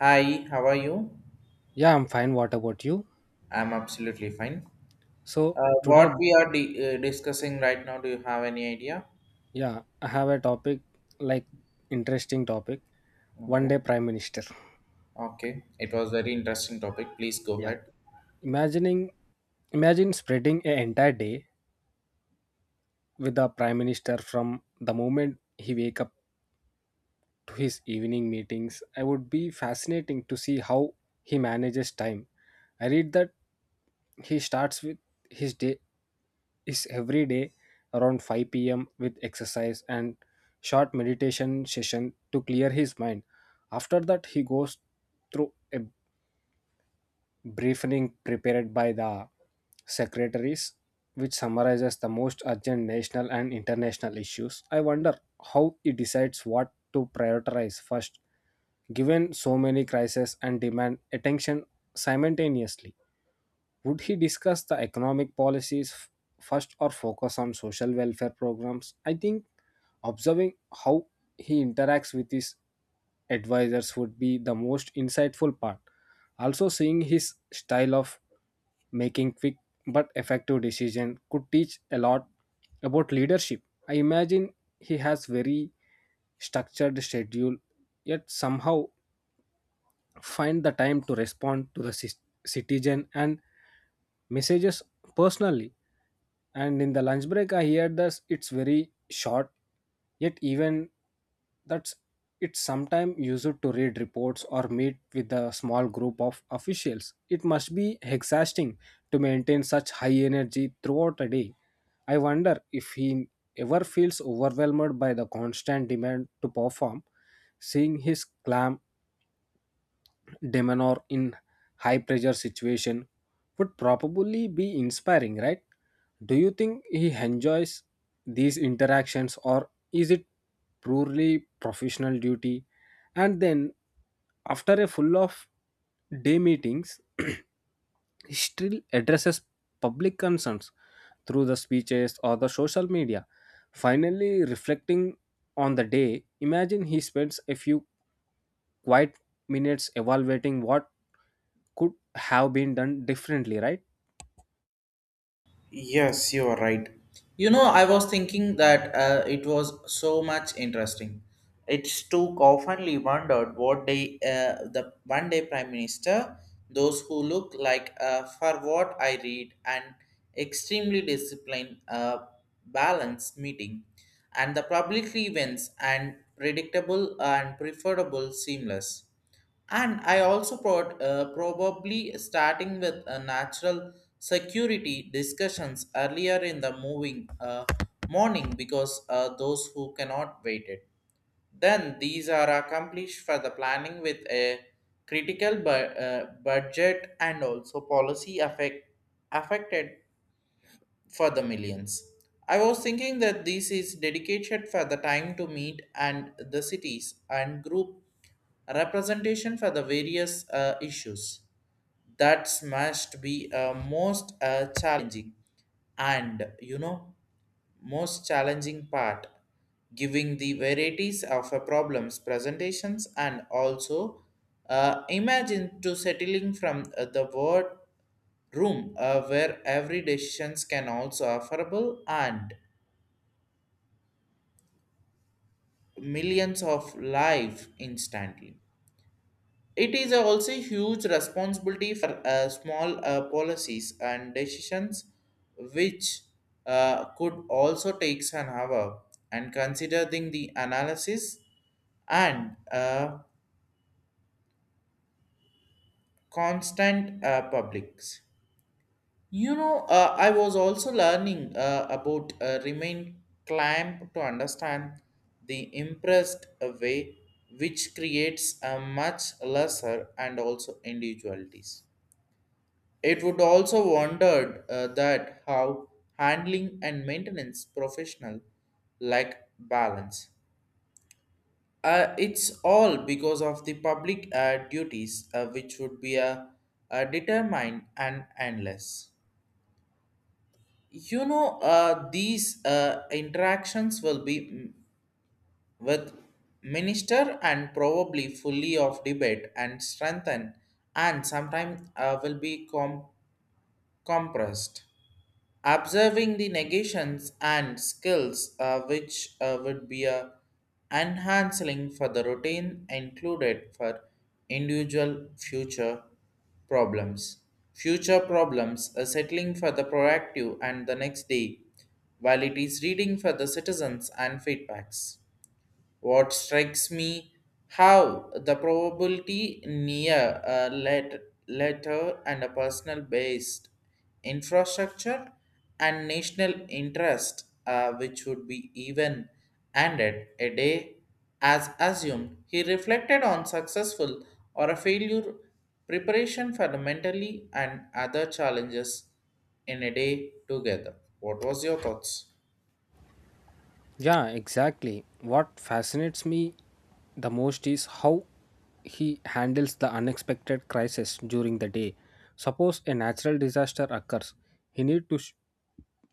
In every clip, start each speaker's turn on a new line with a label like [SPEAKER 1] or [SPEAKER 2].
[SPEAKER 1] Hi, how are you?
[SPEAKER 2] Yeah, I'm fine. What about you?
[SPEAKER 1] I'm absolutely fine.
[SPEAKER 2] So
[SPEAKER 1] Uh,
[SPEAKER 2] today,
[SPEAKER 1] what we are di- uh, discussing right now, do you have any idea?
[SPEAKER 2] yeah, I have a topic like interesting topic. One
[SPEAKER 1] Okay.
[SPEAKER 2] day prime minister.
[SPEAKER 1] Okay. It was very interesting topic. Please go
[SPEAKER 2] Yeah,
[SPEAKER 1] ahead.
[SPEAKER 2] imagining, imagine spreading an entire day with the prime minister from the moment he wake up to his evening meetings. I would be fascinating to see how he manages time. I read that he starts with his day is every day around 5 p.m. with exercise and short meditation session to clear his mind. After that, he goes through a briefing prepared by the secretaries, which summarizes the most urgent national and international issues. I wonder how he decides what to prioritize first, given so many crises and demand attention simultaneously. Would he discuss the economic policies first or focus on social welfare programs? I think observing how he interacts with his advisors would be the most insightful part. Also, seeing his style of making quick but effective decision could teach a lot about leadership. I imagine he has very structured schedule, yet somehow find the time to respond to the citizen and messages personally, and in the lunch break I hear this it's very short, yet even that's it's sometime used to read reports or meet with a small group of officials. It must be exhausting to maintain such high energy throughout a day. I wonder if he ever feels overwhelmed by the constant demand to perform. Seeing his clam demeanor in high pressure situation would probably be inspiring, right? Do you think he enjoys these interactions or is it purely professional duty? And then after a full of day meetings, he still addresses public concerns through the speeches or the social media. Finally, reflecting on the day, imagine he spends a few quiet minutes evaluating what could have been done differently, right?
[SPEAKER 1] Yes, you are right. You know, I was thinking that it was so much interesting. It's too commonly wondered what day the one day prime minister, those who look like, for what I read, an extremely disciplined, balanced meeting, and the public events and predictable and preferable seamless. And I also probably starting with a natural security discussions earlier in the moving morning because those who cannot wait it. Then these are accomplished for the planning with a critical budget and also affected for the millions. I was thinking that this is dedicated for the time to meet and the cities and group representation for the various issues that must be most challenging, and you know, most challenging part giving the varieties of problems presentations and also imagine to settling from the word room where every decisions can also affordable and millions of life instantly. It is also huge responsibility for small policies and decisions which could also take an hour and considering the analysis and constant publics. You know, I was also learning about remain clamp to understand the impressed way which creates a much lesser and also individualities. It would also wondered that how handling and maintenance professional like balance. It's all because of the public duties which would be determined and endless. You know, these interactions will be with minister and probably fully of debate and strengthen, and sometimes will be compressed, observing the negations and skills which would be a enhancing for the routine included for individual future problems, settling for the proactive and the next day, while it is reading for the citizens and feedbacks. What strikes me how the probability near a letter and a personal based infrastructure and national interest, which would be even ended a day as assumed. He reflected on successful or a failure preparation fundamentally and other challenges in a day together. What was your thoughts?
[SPEAKER 2] Yeah, exactly. What fascinates me the most is how he handles the unexpected crisis during the day. Suppose a natural disaster occurs, he needs to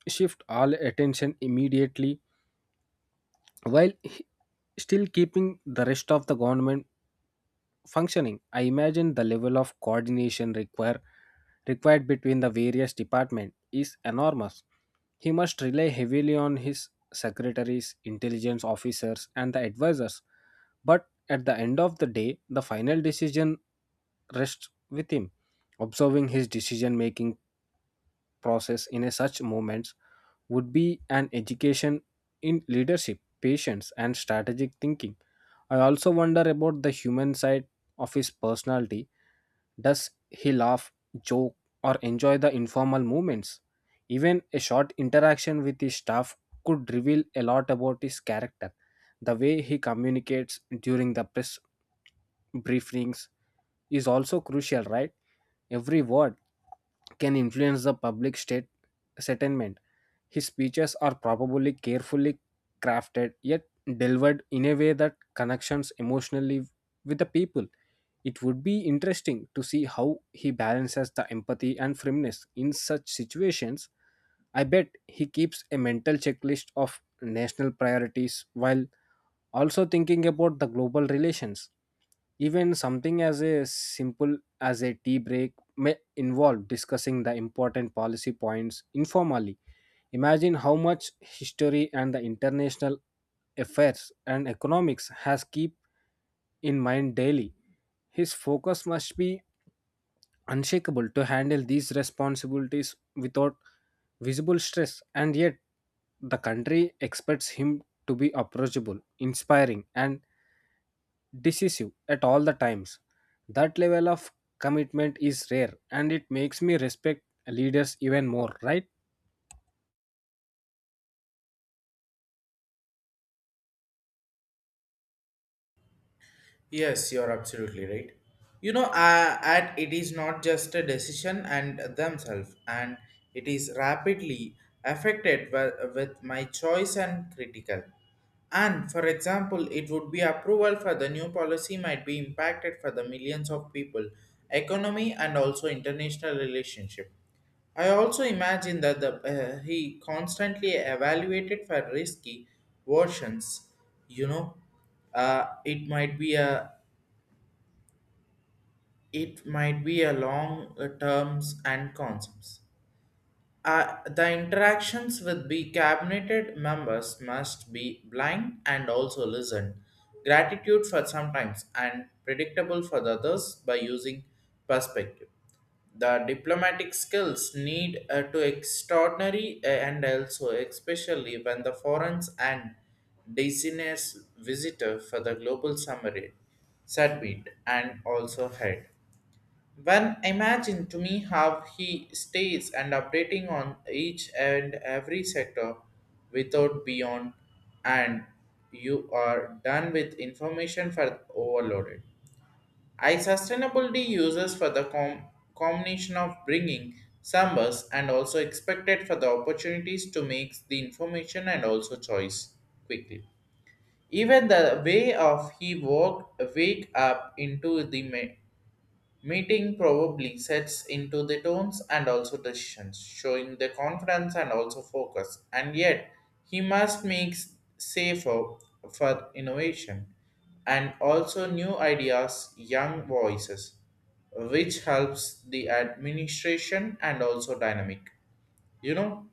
[SPEAKER 2] shift all attention immediately while still keeping the rest of the government functioning. I imagine the level of coordination required between the various departments is enormous. He must rely heavily on his secretaries, intelligence officers, and the advisors. But at the end of the day, the final decision rests with him. Observing his decision making process in a such moments would be an education in leadership, patience, and strategic thinking. I also wonder about the human side of his personality. Does he laugh, joke, or enjoy the informal moments? Even a short interaction with his staff could reveal a lot about his character. The way he communicates during the press briefings is also crucial, right? Every word can influence the public state settlement. His speeches are probably carefully crafted yet delivered in a way that connections emotionally with the people. It would be interesting to see how he balances the empathy and firmness in such situations. I bet he keeps a mental checklist of national priorities while also thinking about the global relations. Even something as a simple as a tea break may involve discussing the important policy points informally. Imagine how much history and the international affairs and economics has keep in mind daily. His focus must be unshakable to handle these responsibilities without visible stress, and yet the country expects him to be approachable, inspiring, and decisive at all the times. That level of commitment is rare and it makes me respect leaders even more, right?
[SPEAKER 1] Yes, you're absolutely right. You know, at it is not just a decision and themselves, and it is rapidly affected with my choice and critical. And for example, it would be approval for the new policy might be impacted for the millions of people, economy, and also international relationship. I also imagine that he constantly evaluated for risky versions. You know, it might be a it might be a long terms and concepts. The interactions with the cabinet members must be blind and also listened. Gratitude for sometimes and predictable for the others by using perspective. The diplomatic skills need to extraordinary and also especially when the foreigners and designers visitor for the global summary, summit and also head. When imagine to me how he stays and updating on each and every sector without beyond, and you are done with information for overloaded. I sustainability uses for the combination of bringing summers and also expected for the opportunities to make the information and also choice quickly. Even the way of he walked wake up into the meeting probably sets into the tones and also decisions, showing the confidence and also focus. And yet, he must make safer for innovation and also new ideas, young voices, which helps the administration and also dynamic. You know,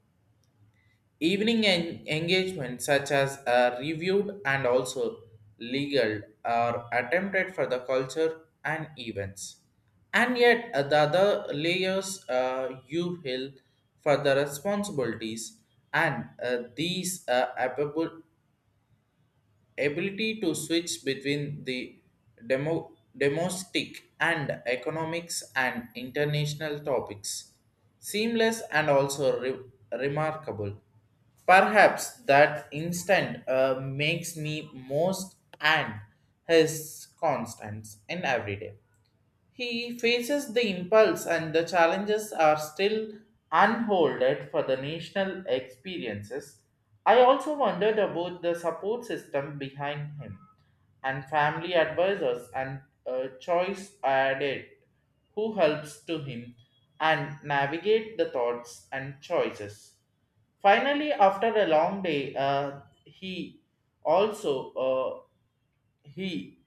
[SPEAKER 1] evening engagements such as reviewed and also legal are attempted for the culture and events. And yet the other layers you feel for the responsibilities and these applicable ability to switch between the domestic and economics and international topics seamless and also remarkable, perhaps that instant makes me most, and his constants in every day he faces the impulse, and the challenges are still unfolded for the national experiences. I also wondered about the support system behind him and family advisors and a choice added who helps to him and navigate the thoughts and choices. Finally, after a long day, also uh, he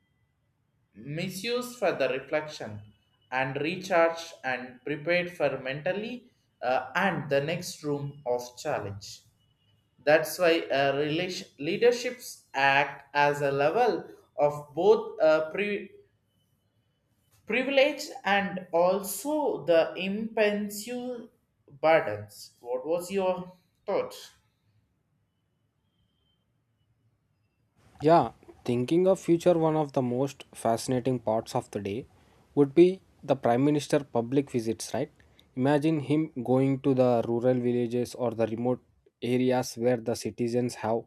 [SPEAKER 1] misused for the reflection and recharge and prepared for mentally and the next room of challenge. That's why leaderships act as a level of both privilege and also the impensive burdens. What was your thought?
[SPEAKER 2] Yeah, thinking of future, one of the most fascinating parts of the day would be the prime minister public visits, right? Imagine him going to the rural villages or the remote areas where the citizens have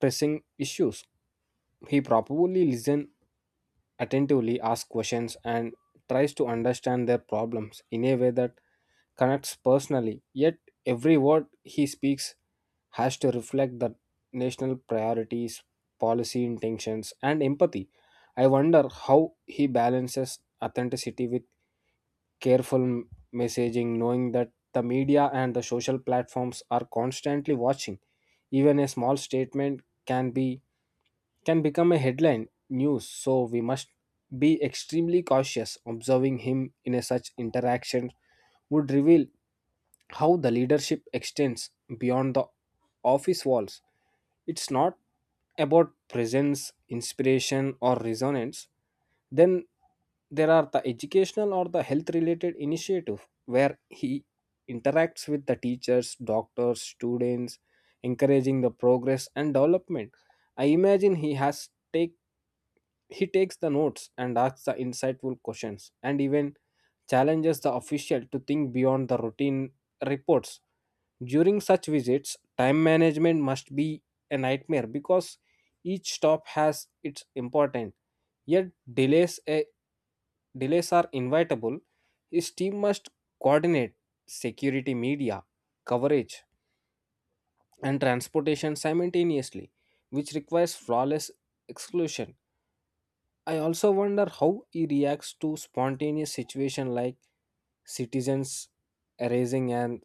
[SPEAKER 2] pressing issues. He probably listen attentively, asks questions, and tries to understand their problems in a way that connects personally. Yet, every word he speaks has to reflect the national priorities, policy intentions, and empathy. I wonder how he balances authenticity with careful messaging, knowing that the media and the social platforms are constantly watching. Even a small statement can become a headline news, so we must be extremely cautious. Observing him in a such interaction would reveal how the leadership extends beyond the office walls. It's not about presence, inspiration, or resonance. Then there are the educational or the health related initiative where he interacts with the teachers, doctors, students, encouraging the progress and development. I imagine he takes the notes and asks the insightful questions and even challenges the official to think beyond the routine reports. During such visits, time management must be a nightmare because each stop has its importance. Yet delays delays are inevitable. His team must coordinate security, media coverage, and transportation simultaneously, which requires flawless exclusion. I also wonder how he reacts to spontaneous situation like citizens raising an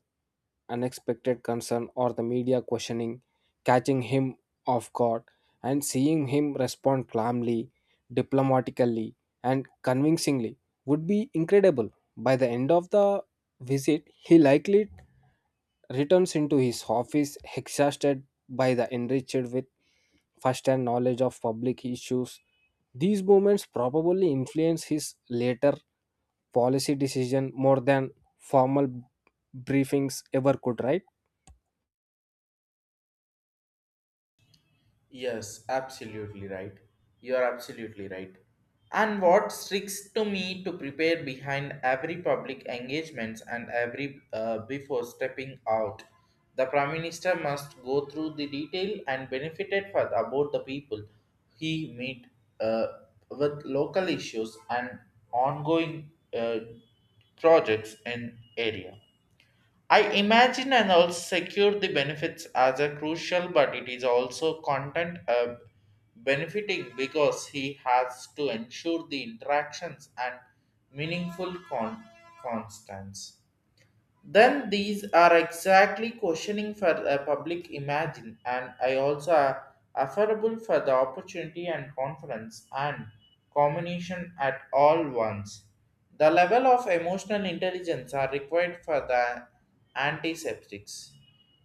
[SPEAKER 2] unexpected concern or the media questioning, catching him off guard, and seeing him respond calmly, diplomatically, and convincingly would be incredible. By the end of the visit, he likely returns into his office exhausted by the enriched with first-hand knowledge of public issues. These moments probably influence his later policy decision more than formal briefings ever could, right?
[SPEAKER 1] Yes, absolutely right. You are absolutely right. And what sticks to me to prepare behind every public engagements and every before stepping out, the prime minister must go through the detail and benefited for about the people he meet uh, with local issues and ongoing uh, projects in area. I imagine and also secure the benefits as a crucial, but it is also content benefiting because he has to ensure the interactions and meaningful constants. Then these are exactly questioning for the public imagine, and I also are affordable for the opportunity and conference and combination at all once. The level of emotional intelligence are required for the antiseptics.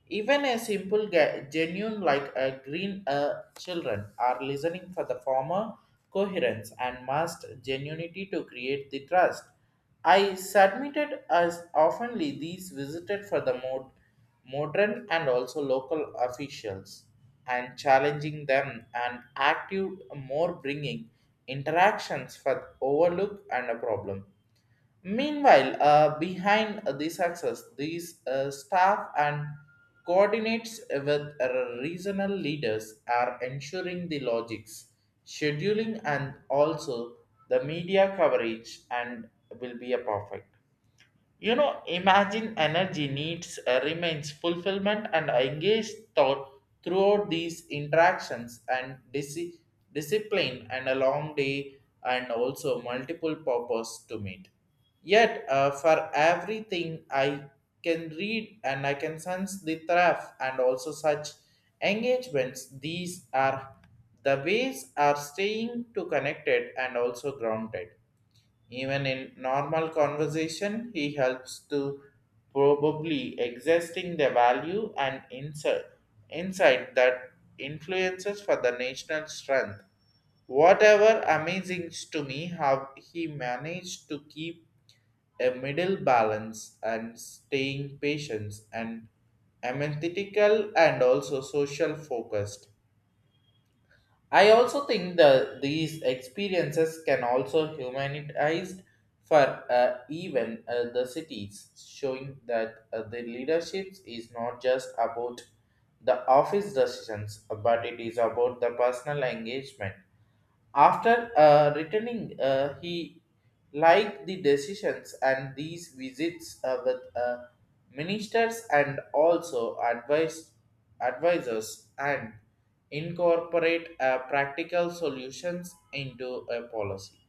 [SPEAKER 1] Even a simple genuine like a green children are listening for the former coherence and must genuinity to create the trust. I submitted as oftenly these visited for the modern and also local officials and challenging them and active more bringing interactions for overlook and a problem. Meanwhile, behind the success, these staff and coordinates with regional leaders are ensuring the logics, scheduling, and also the media coverage and will be a perfect. You know, imagine energy needs remains fulfillment and engaged thought throughout these interactions and discipline and a long day and also multiple purpose to meet. Yet, for everything I can read and I can sense the thrift and also such engagements, these are the ways are staying to connected and also grounded. Even in normal conversation, he helps to probably existing the value and insight that influences for the national strength. Whatever amazing to me how he managed to keep a middle balance and staying patient and analytical and also social focused. I also think that these experiences can also humanized for even the cities, showing that the leadership is not just about the office decisions, but it is about the personal engagement. After returning, he liked the decisions and these visits with ministers and also advised advisors and incorporate practical solutions into a policy.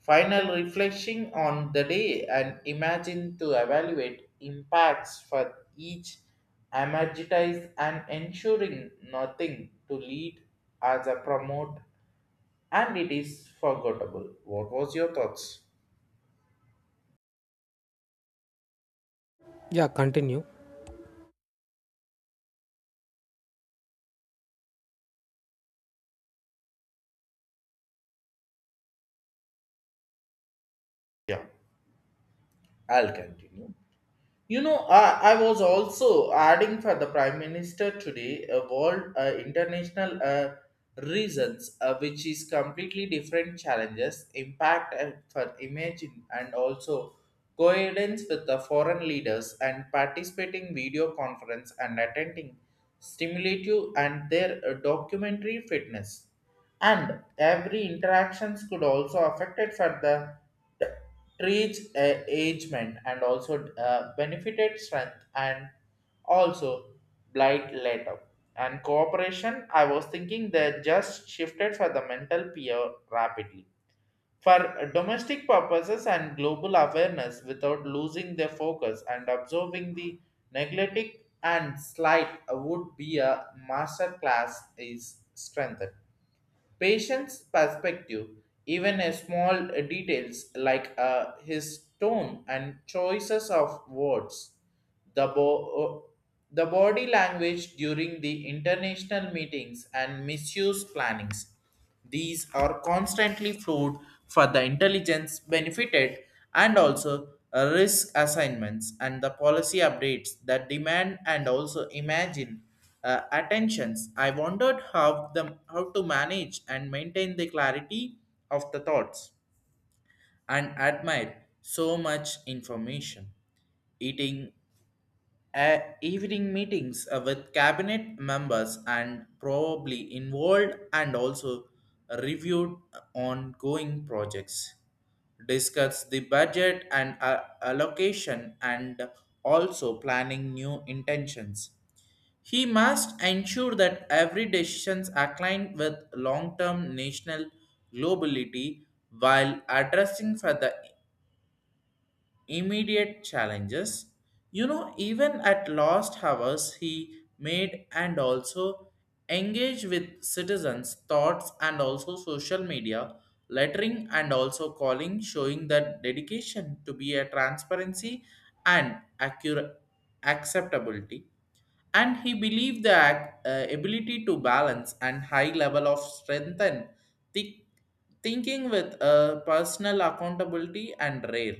[SPEAKER 1] Final reflection on the day and imagine to evaluate impacts for each amortize and ensuring nothing to lead as a promote and it is forgettable. What was your thoughts?
[SPEAKER 2] Yeah, continue.
[SPEAKER 1] Yeah, I'll continue. You know, I was also adding for the Prime Minister today a world international reasons, which is completely different challenges, impact and for imagine, and also coherence with the foreign leaders and participating video conference and attending stimulative and their documentary fitness. And every interactions could also affected for the reach agement and also benefited strength and also blight later and cooperation. I was thinking they just shifted for the mental peer rapidly for domestic purposes and global awareness without losing their focus, and observing the neglected and slight would be a master class is strengthened Patient's perspective, even a small details like his tone and choices of words, the, bo- uh, the body language during the international meetings and misuse plannings, these are constantly flowed for the intelligence benefited and also risk assignments and the policy updates that demand and also imagine attentions. I wondered how the how to manage and maintain the clarity of the thoughts and admire so much information eating evening meetings with cabinet members and probably involved and also reviewed ongoing projects, discuss the budget and allocation and also planning new intentions. He must ensure that every decisions aligned with long-term national globality while addressing for the immediate challenges. You know, even at lost hours, he made and also engaged with citizens' thoughts and also social media, lettering and also calling, showing that dedication to be a transparency and accurate acceptability, and he believed the ability to balance and high level of strength and thi- thinking with personal accountability and rare.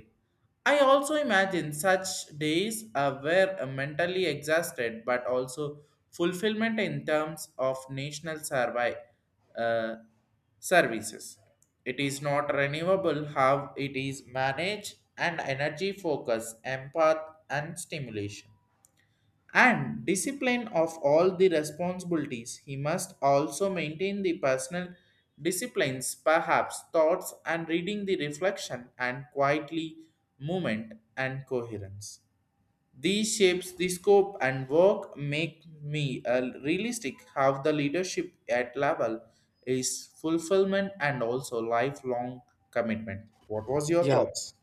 [SPEAKER 1] I also imagine such days were mentally exhausted but also fulfillment in terms of national survey, uh, services. It is not renewable how it is managed and energy focus, empath and stimulation and discipline of all the responsibilities. He must also maintain the personal disciplines, perhaps thoughts and reading the reflection and quietly movement and coherence. These shapes the scope and work make me a realistic how the leadership at level is fulfillment and also lifelong commitment. What was your
[SPEAKER 2] Yeah,
[SPEAKER 1] thoughts?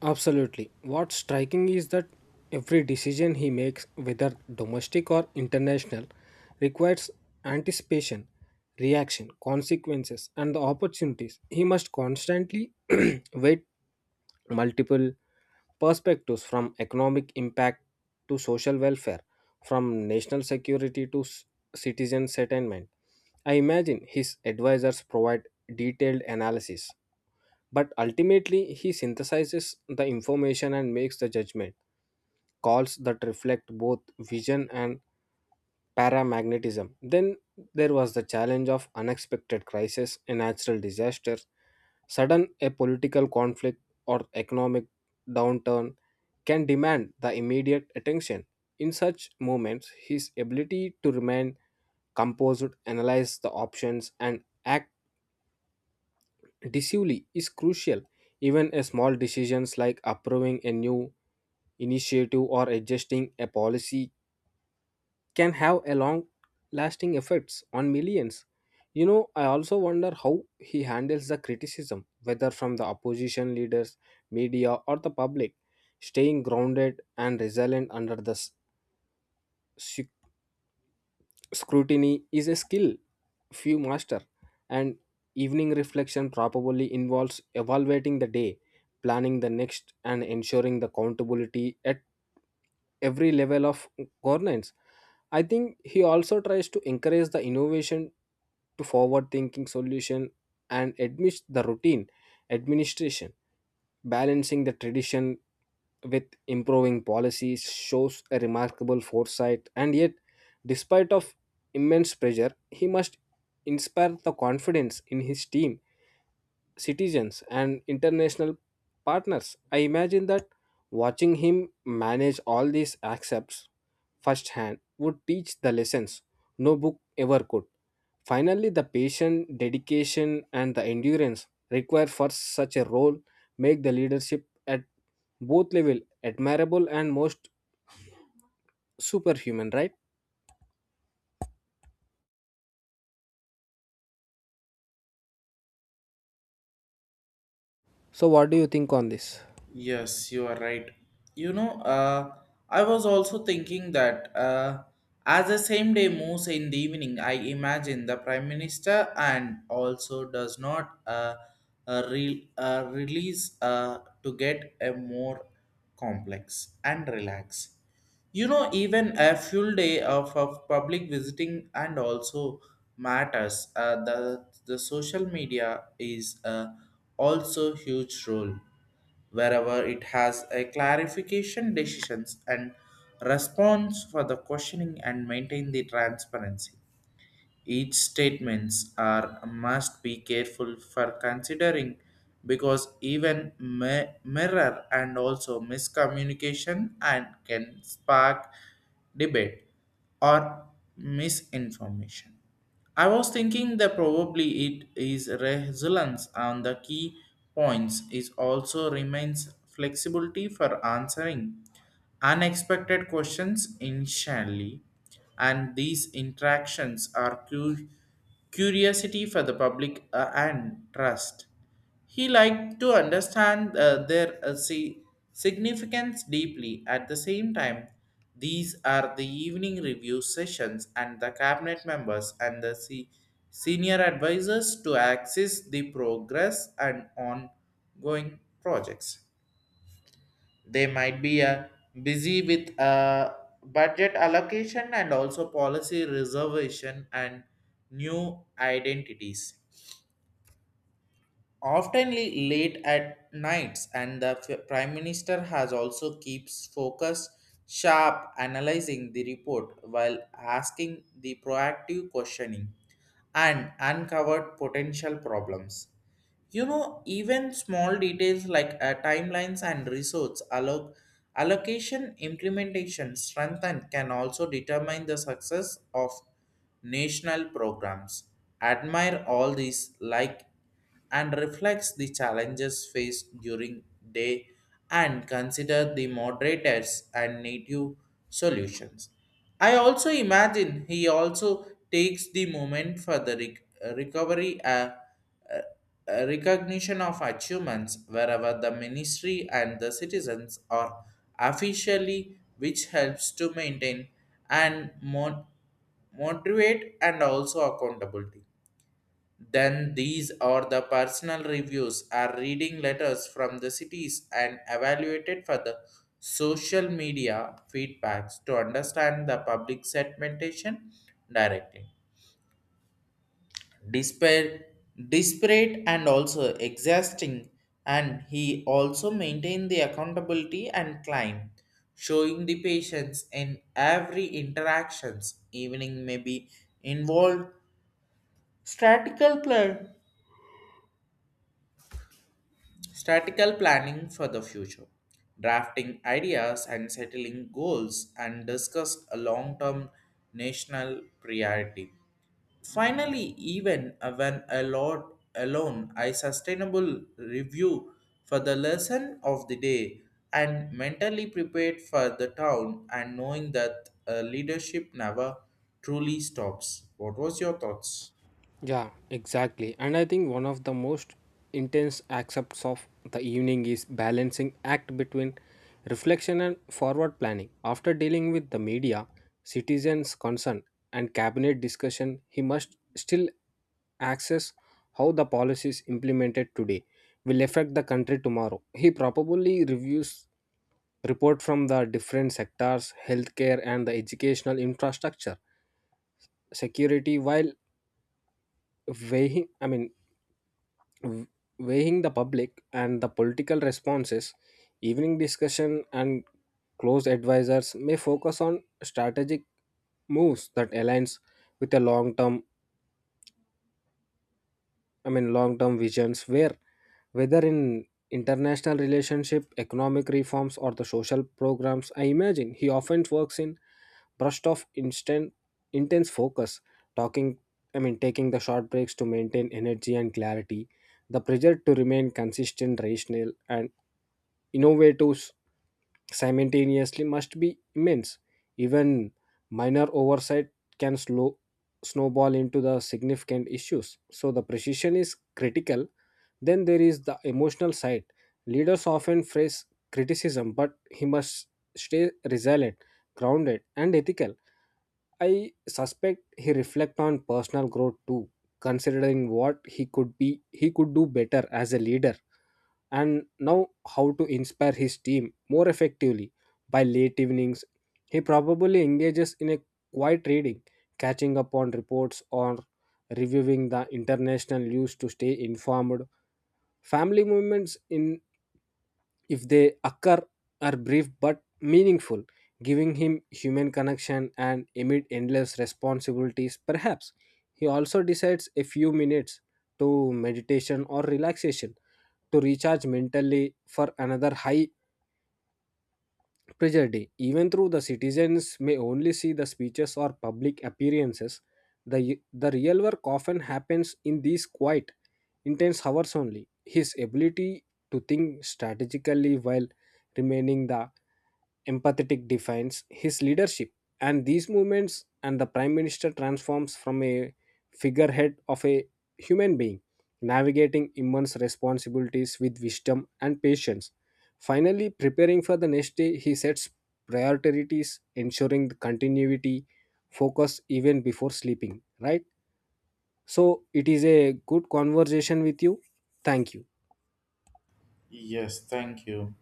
[SPEAKER 2] absolutely. What's striking is that every decision he makes, whether domestic or international, requires anticipation, reaction, consequences, and the opportunities. He must constantly weigh multiple perspectives from economic impact to social welfare, from national security to citizen settlement. I imagine his advisors provide detailed analysis but ultimately, he synthesizes the information and makes the judgment calls that reflect both vision and paramagnetism. Then there was the challenge of unexpected crisis, a natural disaster, sudden a political conflict or economic downturn can demand the immediate attention. In such moments, his ability to remain composed, analyze the options, and act Disuli is crucial. Even a small decisions like approving a new initiative or adjusting a policy can have a long lasting effects on millions. You know, I also wonder how he handles the criticism, whether from the opposition leaders, media, or the public. Staying grounded and resilient under the scrutiny is a skill few master, and evening reflection probably involves evaluating the day, planning the next, and ensuring the accountability at every level of governance. I think he also tries to encourage the innovation to forward thinking solution and admits the routine administration. Balancing the tradition with improving policies shows a remarkable foresight, and yet despite of immense pressure he must inspire the confidence in his team, citizens, and international partners. I imagine that watching him manage all these accepts firsthand would teach the lessons no book ever could. Finally, the patient dedication, and the endurance required for such a role make the leadership at both level admirable and most superhuman, right? So, what do you think on this?
[SPEAKER 1] Yes, you are right. You know, I was also thinking that as the same day moves in the evening, I imagine the Prime Minister and also does not release to get a more complex and relax. You know, even a full day of public visiting and also matters. The social media is also huge role wherever it has a clarification decisions and response for the questioning and maintain the transparency. Each statements are must be careful for considering because even mirror and also miscommunication and can spark debate or misinformation. I was thinking that probably it is resilience and the key points is also remains flexibility for answering unexpected questions initially, and these interactions are curiosity for the public and trust. He liked to understand their significance deeply. At the same time, these are the evening review sessions and the cabinet members and the senior advisors to access the progress and ongoing projects. They might be busy with budget allocation and also policy reservation and new identities, often late at nights, and the prime minister has also keeps focus sharp analyzing the report while asking the proactive questioning and uncovered potential problems. You know, even small details like timelines and resource allocation, implementation, strength, and can also determine the success of national programs. Admire all these like and reflects the challenges faced during day and consider the moderators and native solutions. I also imagine he also takes the moment for the recovery a recognition of achievements wherever the ministry and the citizens are officially, which helps to maintain and motivate and also accountability. Then these are the personal reviews are reading letters from the cities and evaluated for the social media feedbacks to understand the public segmentation directly. Despair, desperate and also exhausting, and he also maintained the accountability and climb, showing the patience in every interactions. Evening may be involved statical plan statical planning for the future, drafting ideas and settling goals and discussed a long-term national priority. Finally, even when alone, I sustainable review for the lesson of the day and mentally prepared for the town and knowing that leadership never truly stops. What was your thoughts?
[SPEAKER 2] Yeah, exactly. And I think one of the most intense aspects of the evening is balancing act between reflection and forward planning. After dealing with the media, citizens' concern, and cabinet discussion, he must still access how the policies implemented today will affect the country tomorrow. He probably reviews report from the different sectors, healthcare, and the educational infrastructure security while weighing I mean w- weighing the public and the political responses. Evening discussion and close advisors may focus on strategic moves that aligns with a long-term I mean, long term visions. Where, whether in international relationship, economic reforms, or the social programs, I imagine he often works in burst of intense focus, talking, taking the short breaks to maintain energy and clarity. The pressure to remain consistent, rational, and innovative simultaneously must be immense. Even minor oversight can slow snowball into the significant issues. So the precision is critical. Then there is the emotional side. Leaders often face criticism, but he must stay resilient, grounded, and ethical. I suspect he reflects on personal growth too, considering what he could do better as a leader and now how to inspire his team more effectively. By late evenings, he probably engages in a quiet reading, catching up on reports or reviewing the international news to stay informed. Family movements in, if they occur, are brief but meaningful, giving him human connection and amid endless responsibilities perhaps. He also decides a few minutes to meditation or relaxation to recharge mentally for another high Treasure Day. Even though the citizens may only see the speeches or public appearances, the real work often happens in these quiet, intense hours only. His ability to think strategically while remaining the empathetic defines his leadership, and these movements, and the prime minister transforms from a figurehead of a human being navigating immense responsibilities with wisdom and patience. Finally preparing for the next day, he sets priorities ensuring the continuity focus even before sleeping, right? So it is a good conversation with you. Thank you.
[SPEAKER 1] Yes, thank you.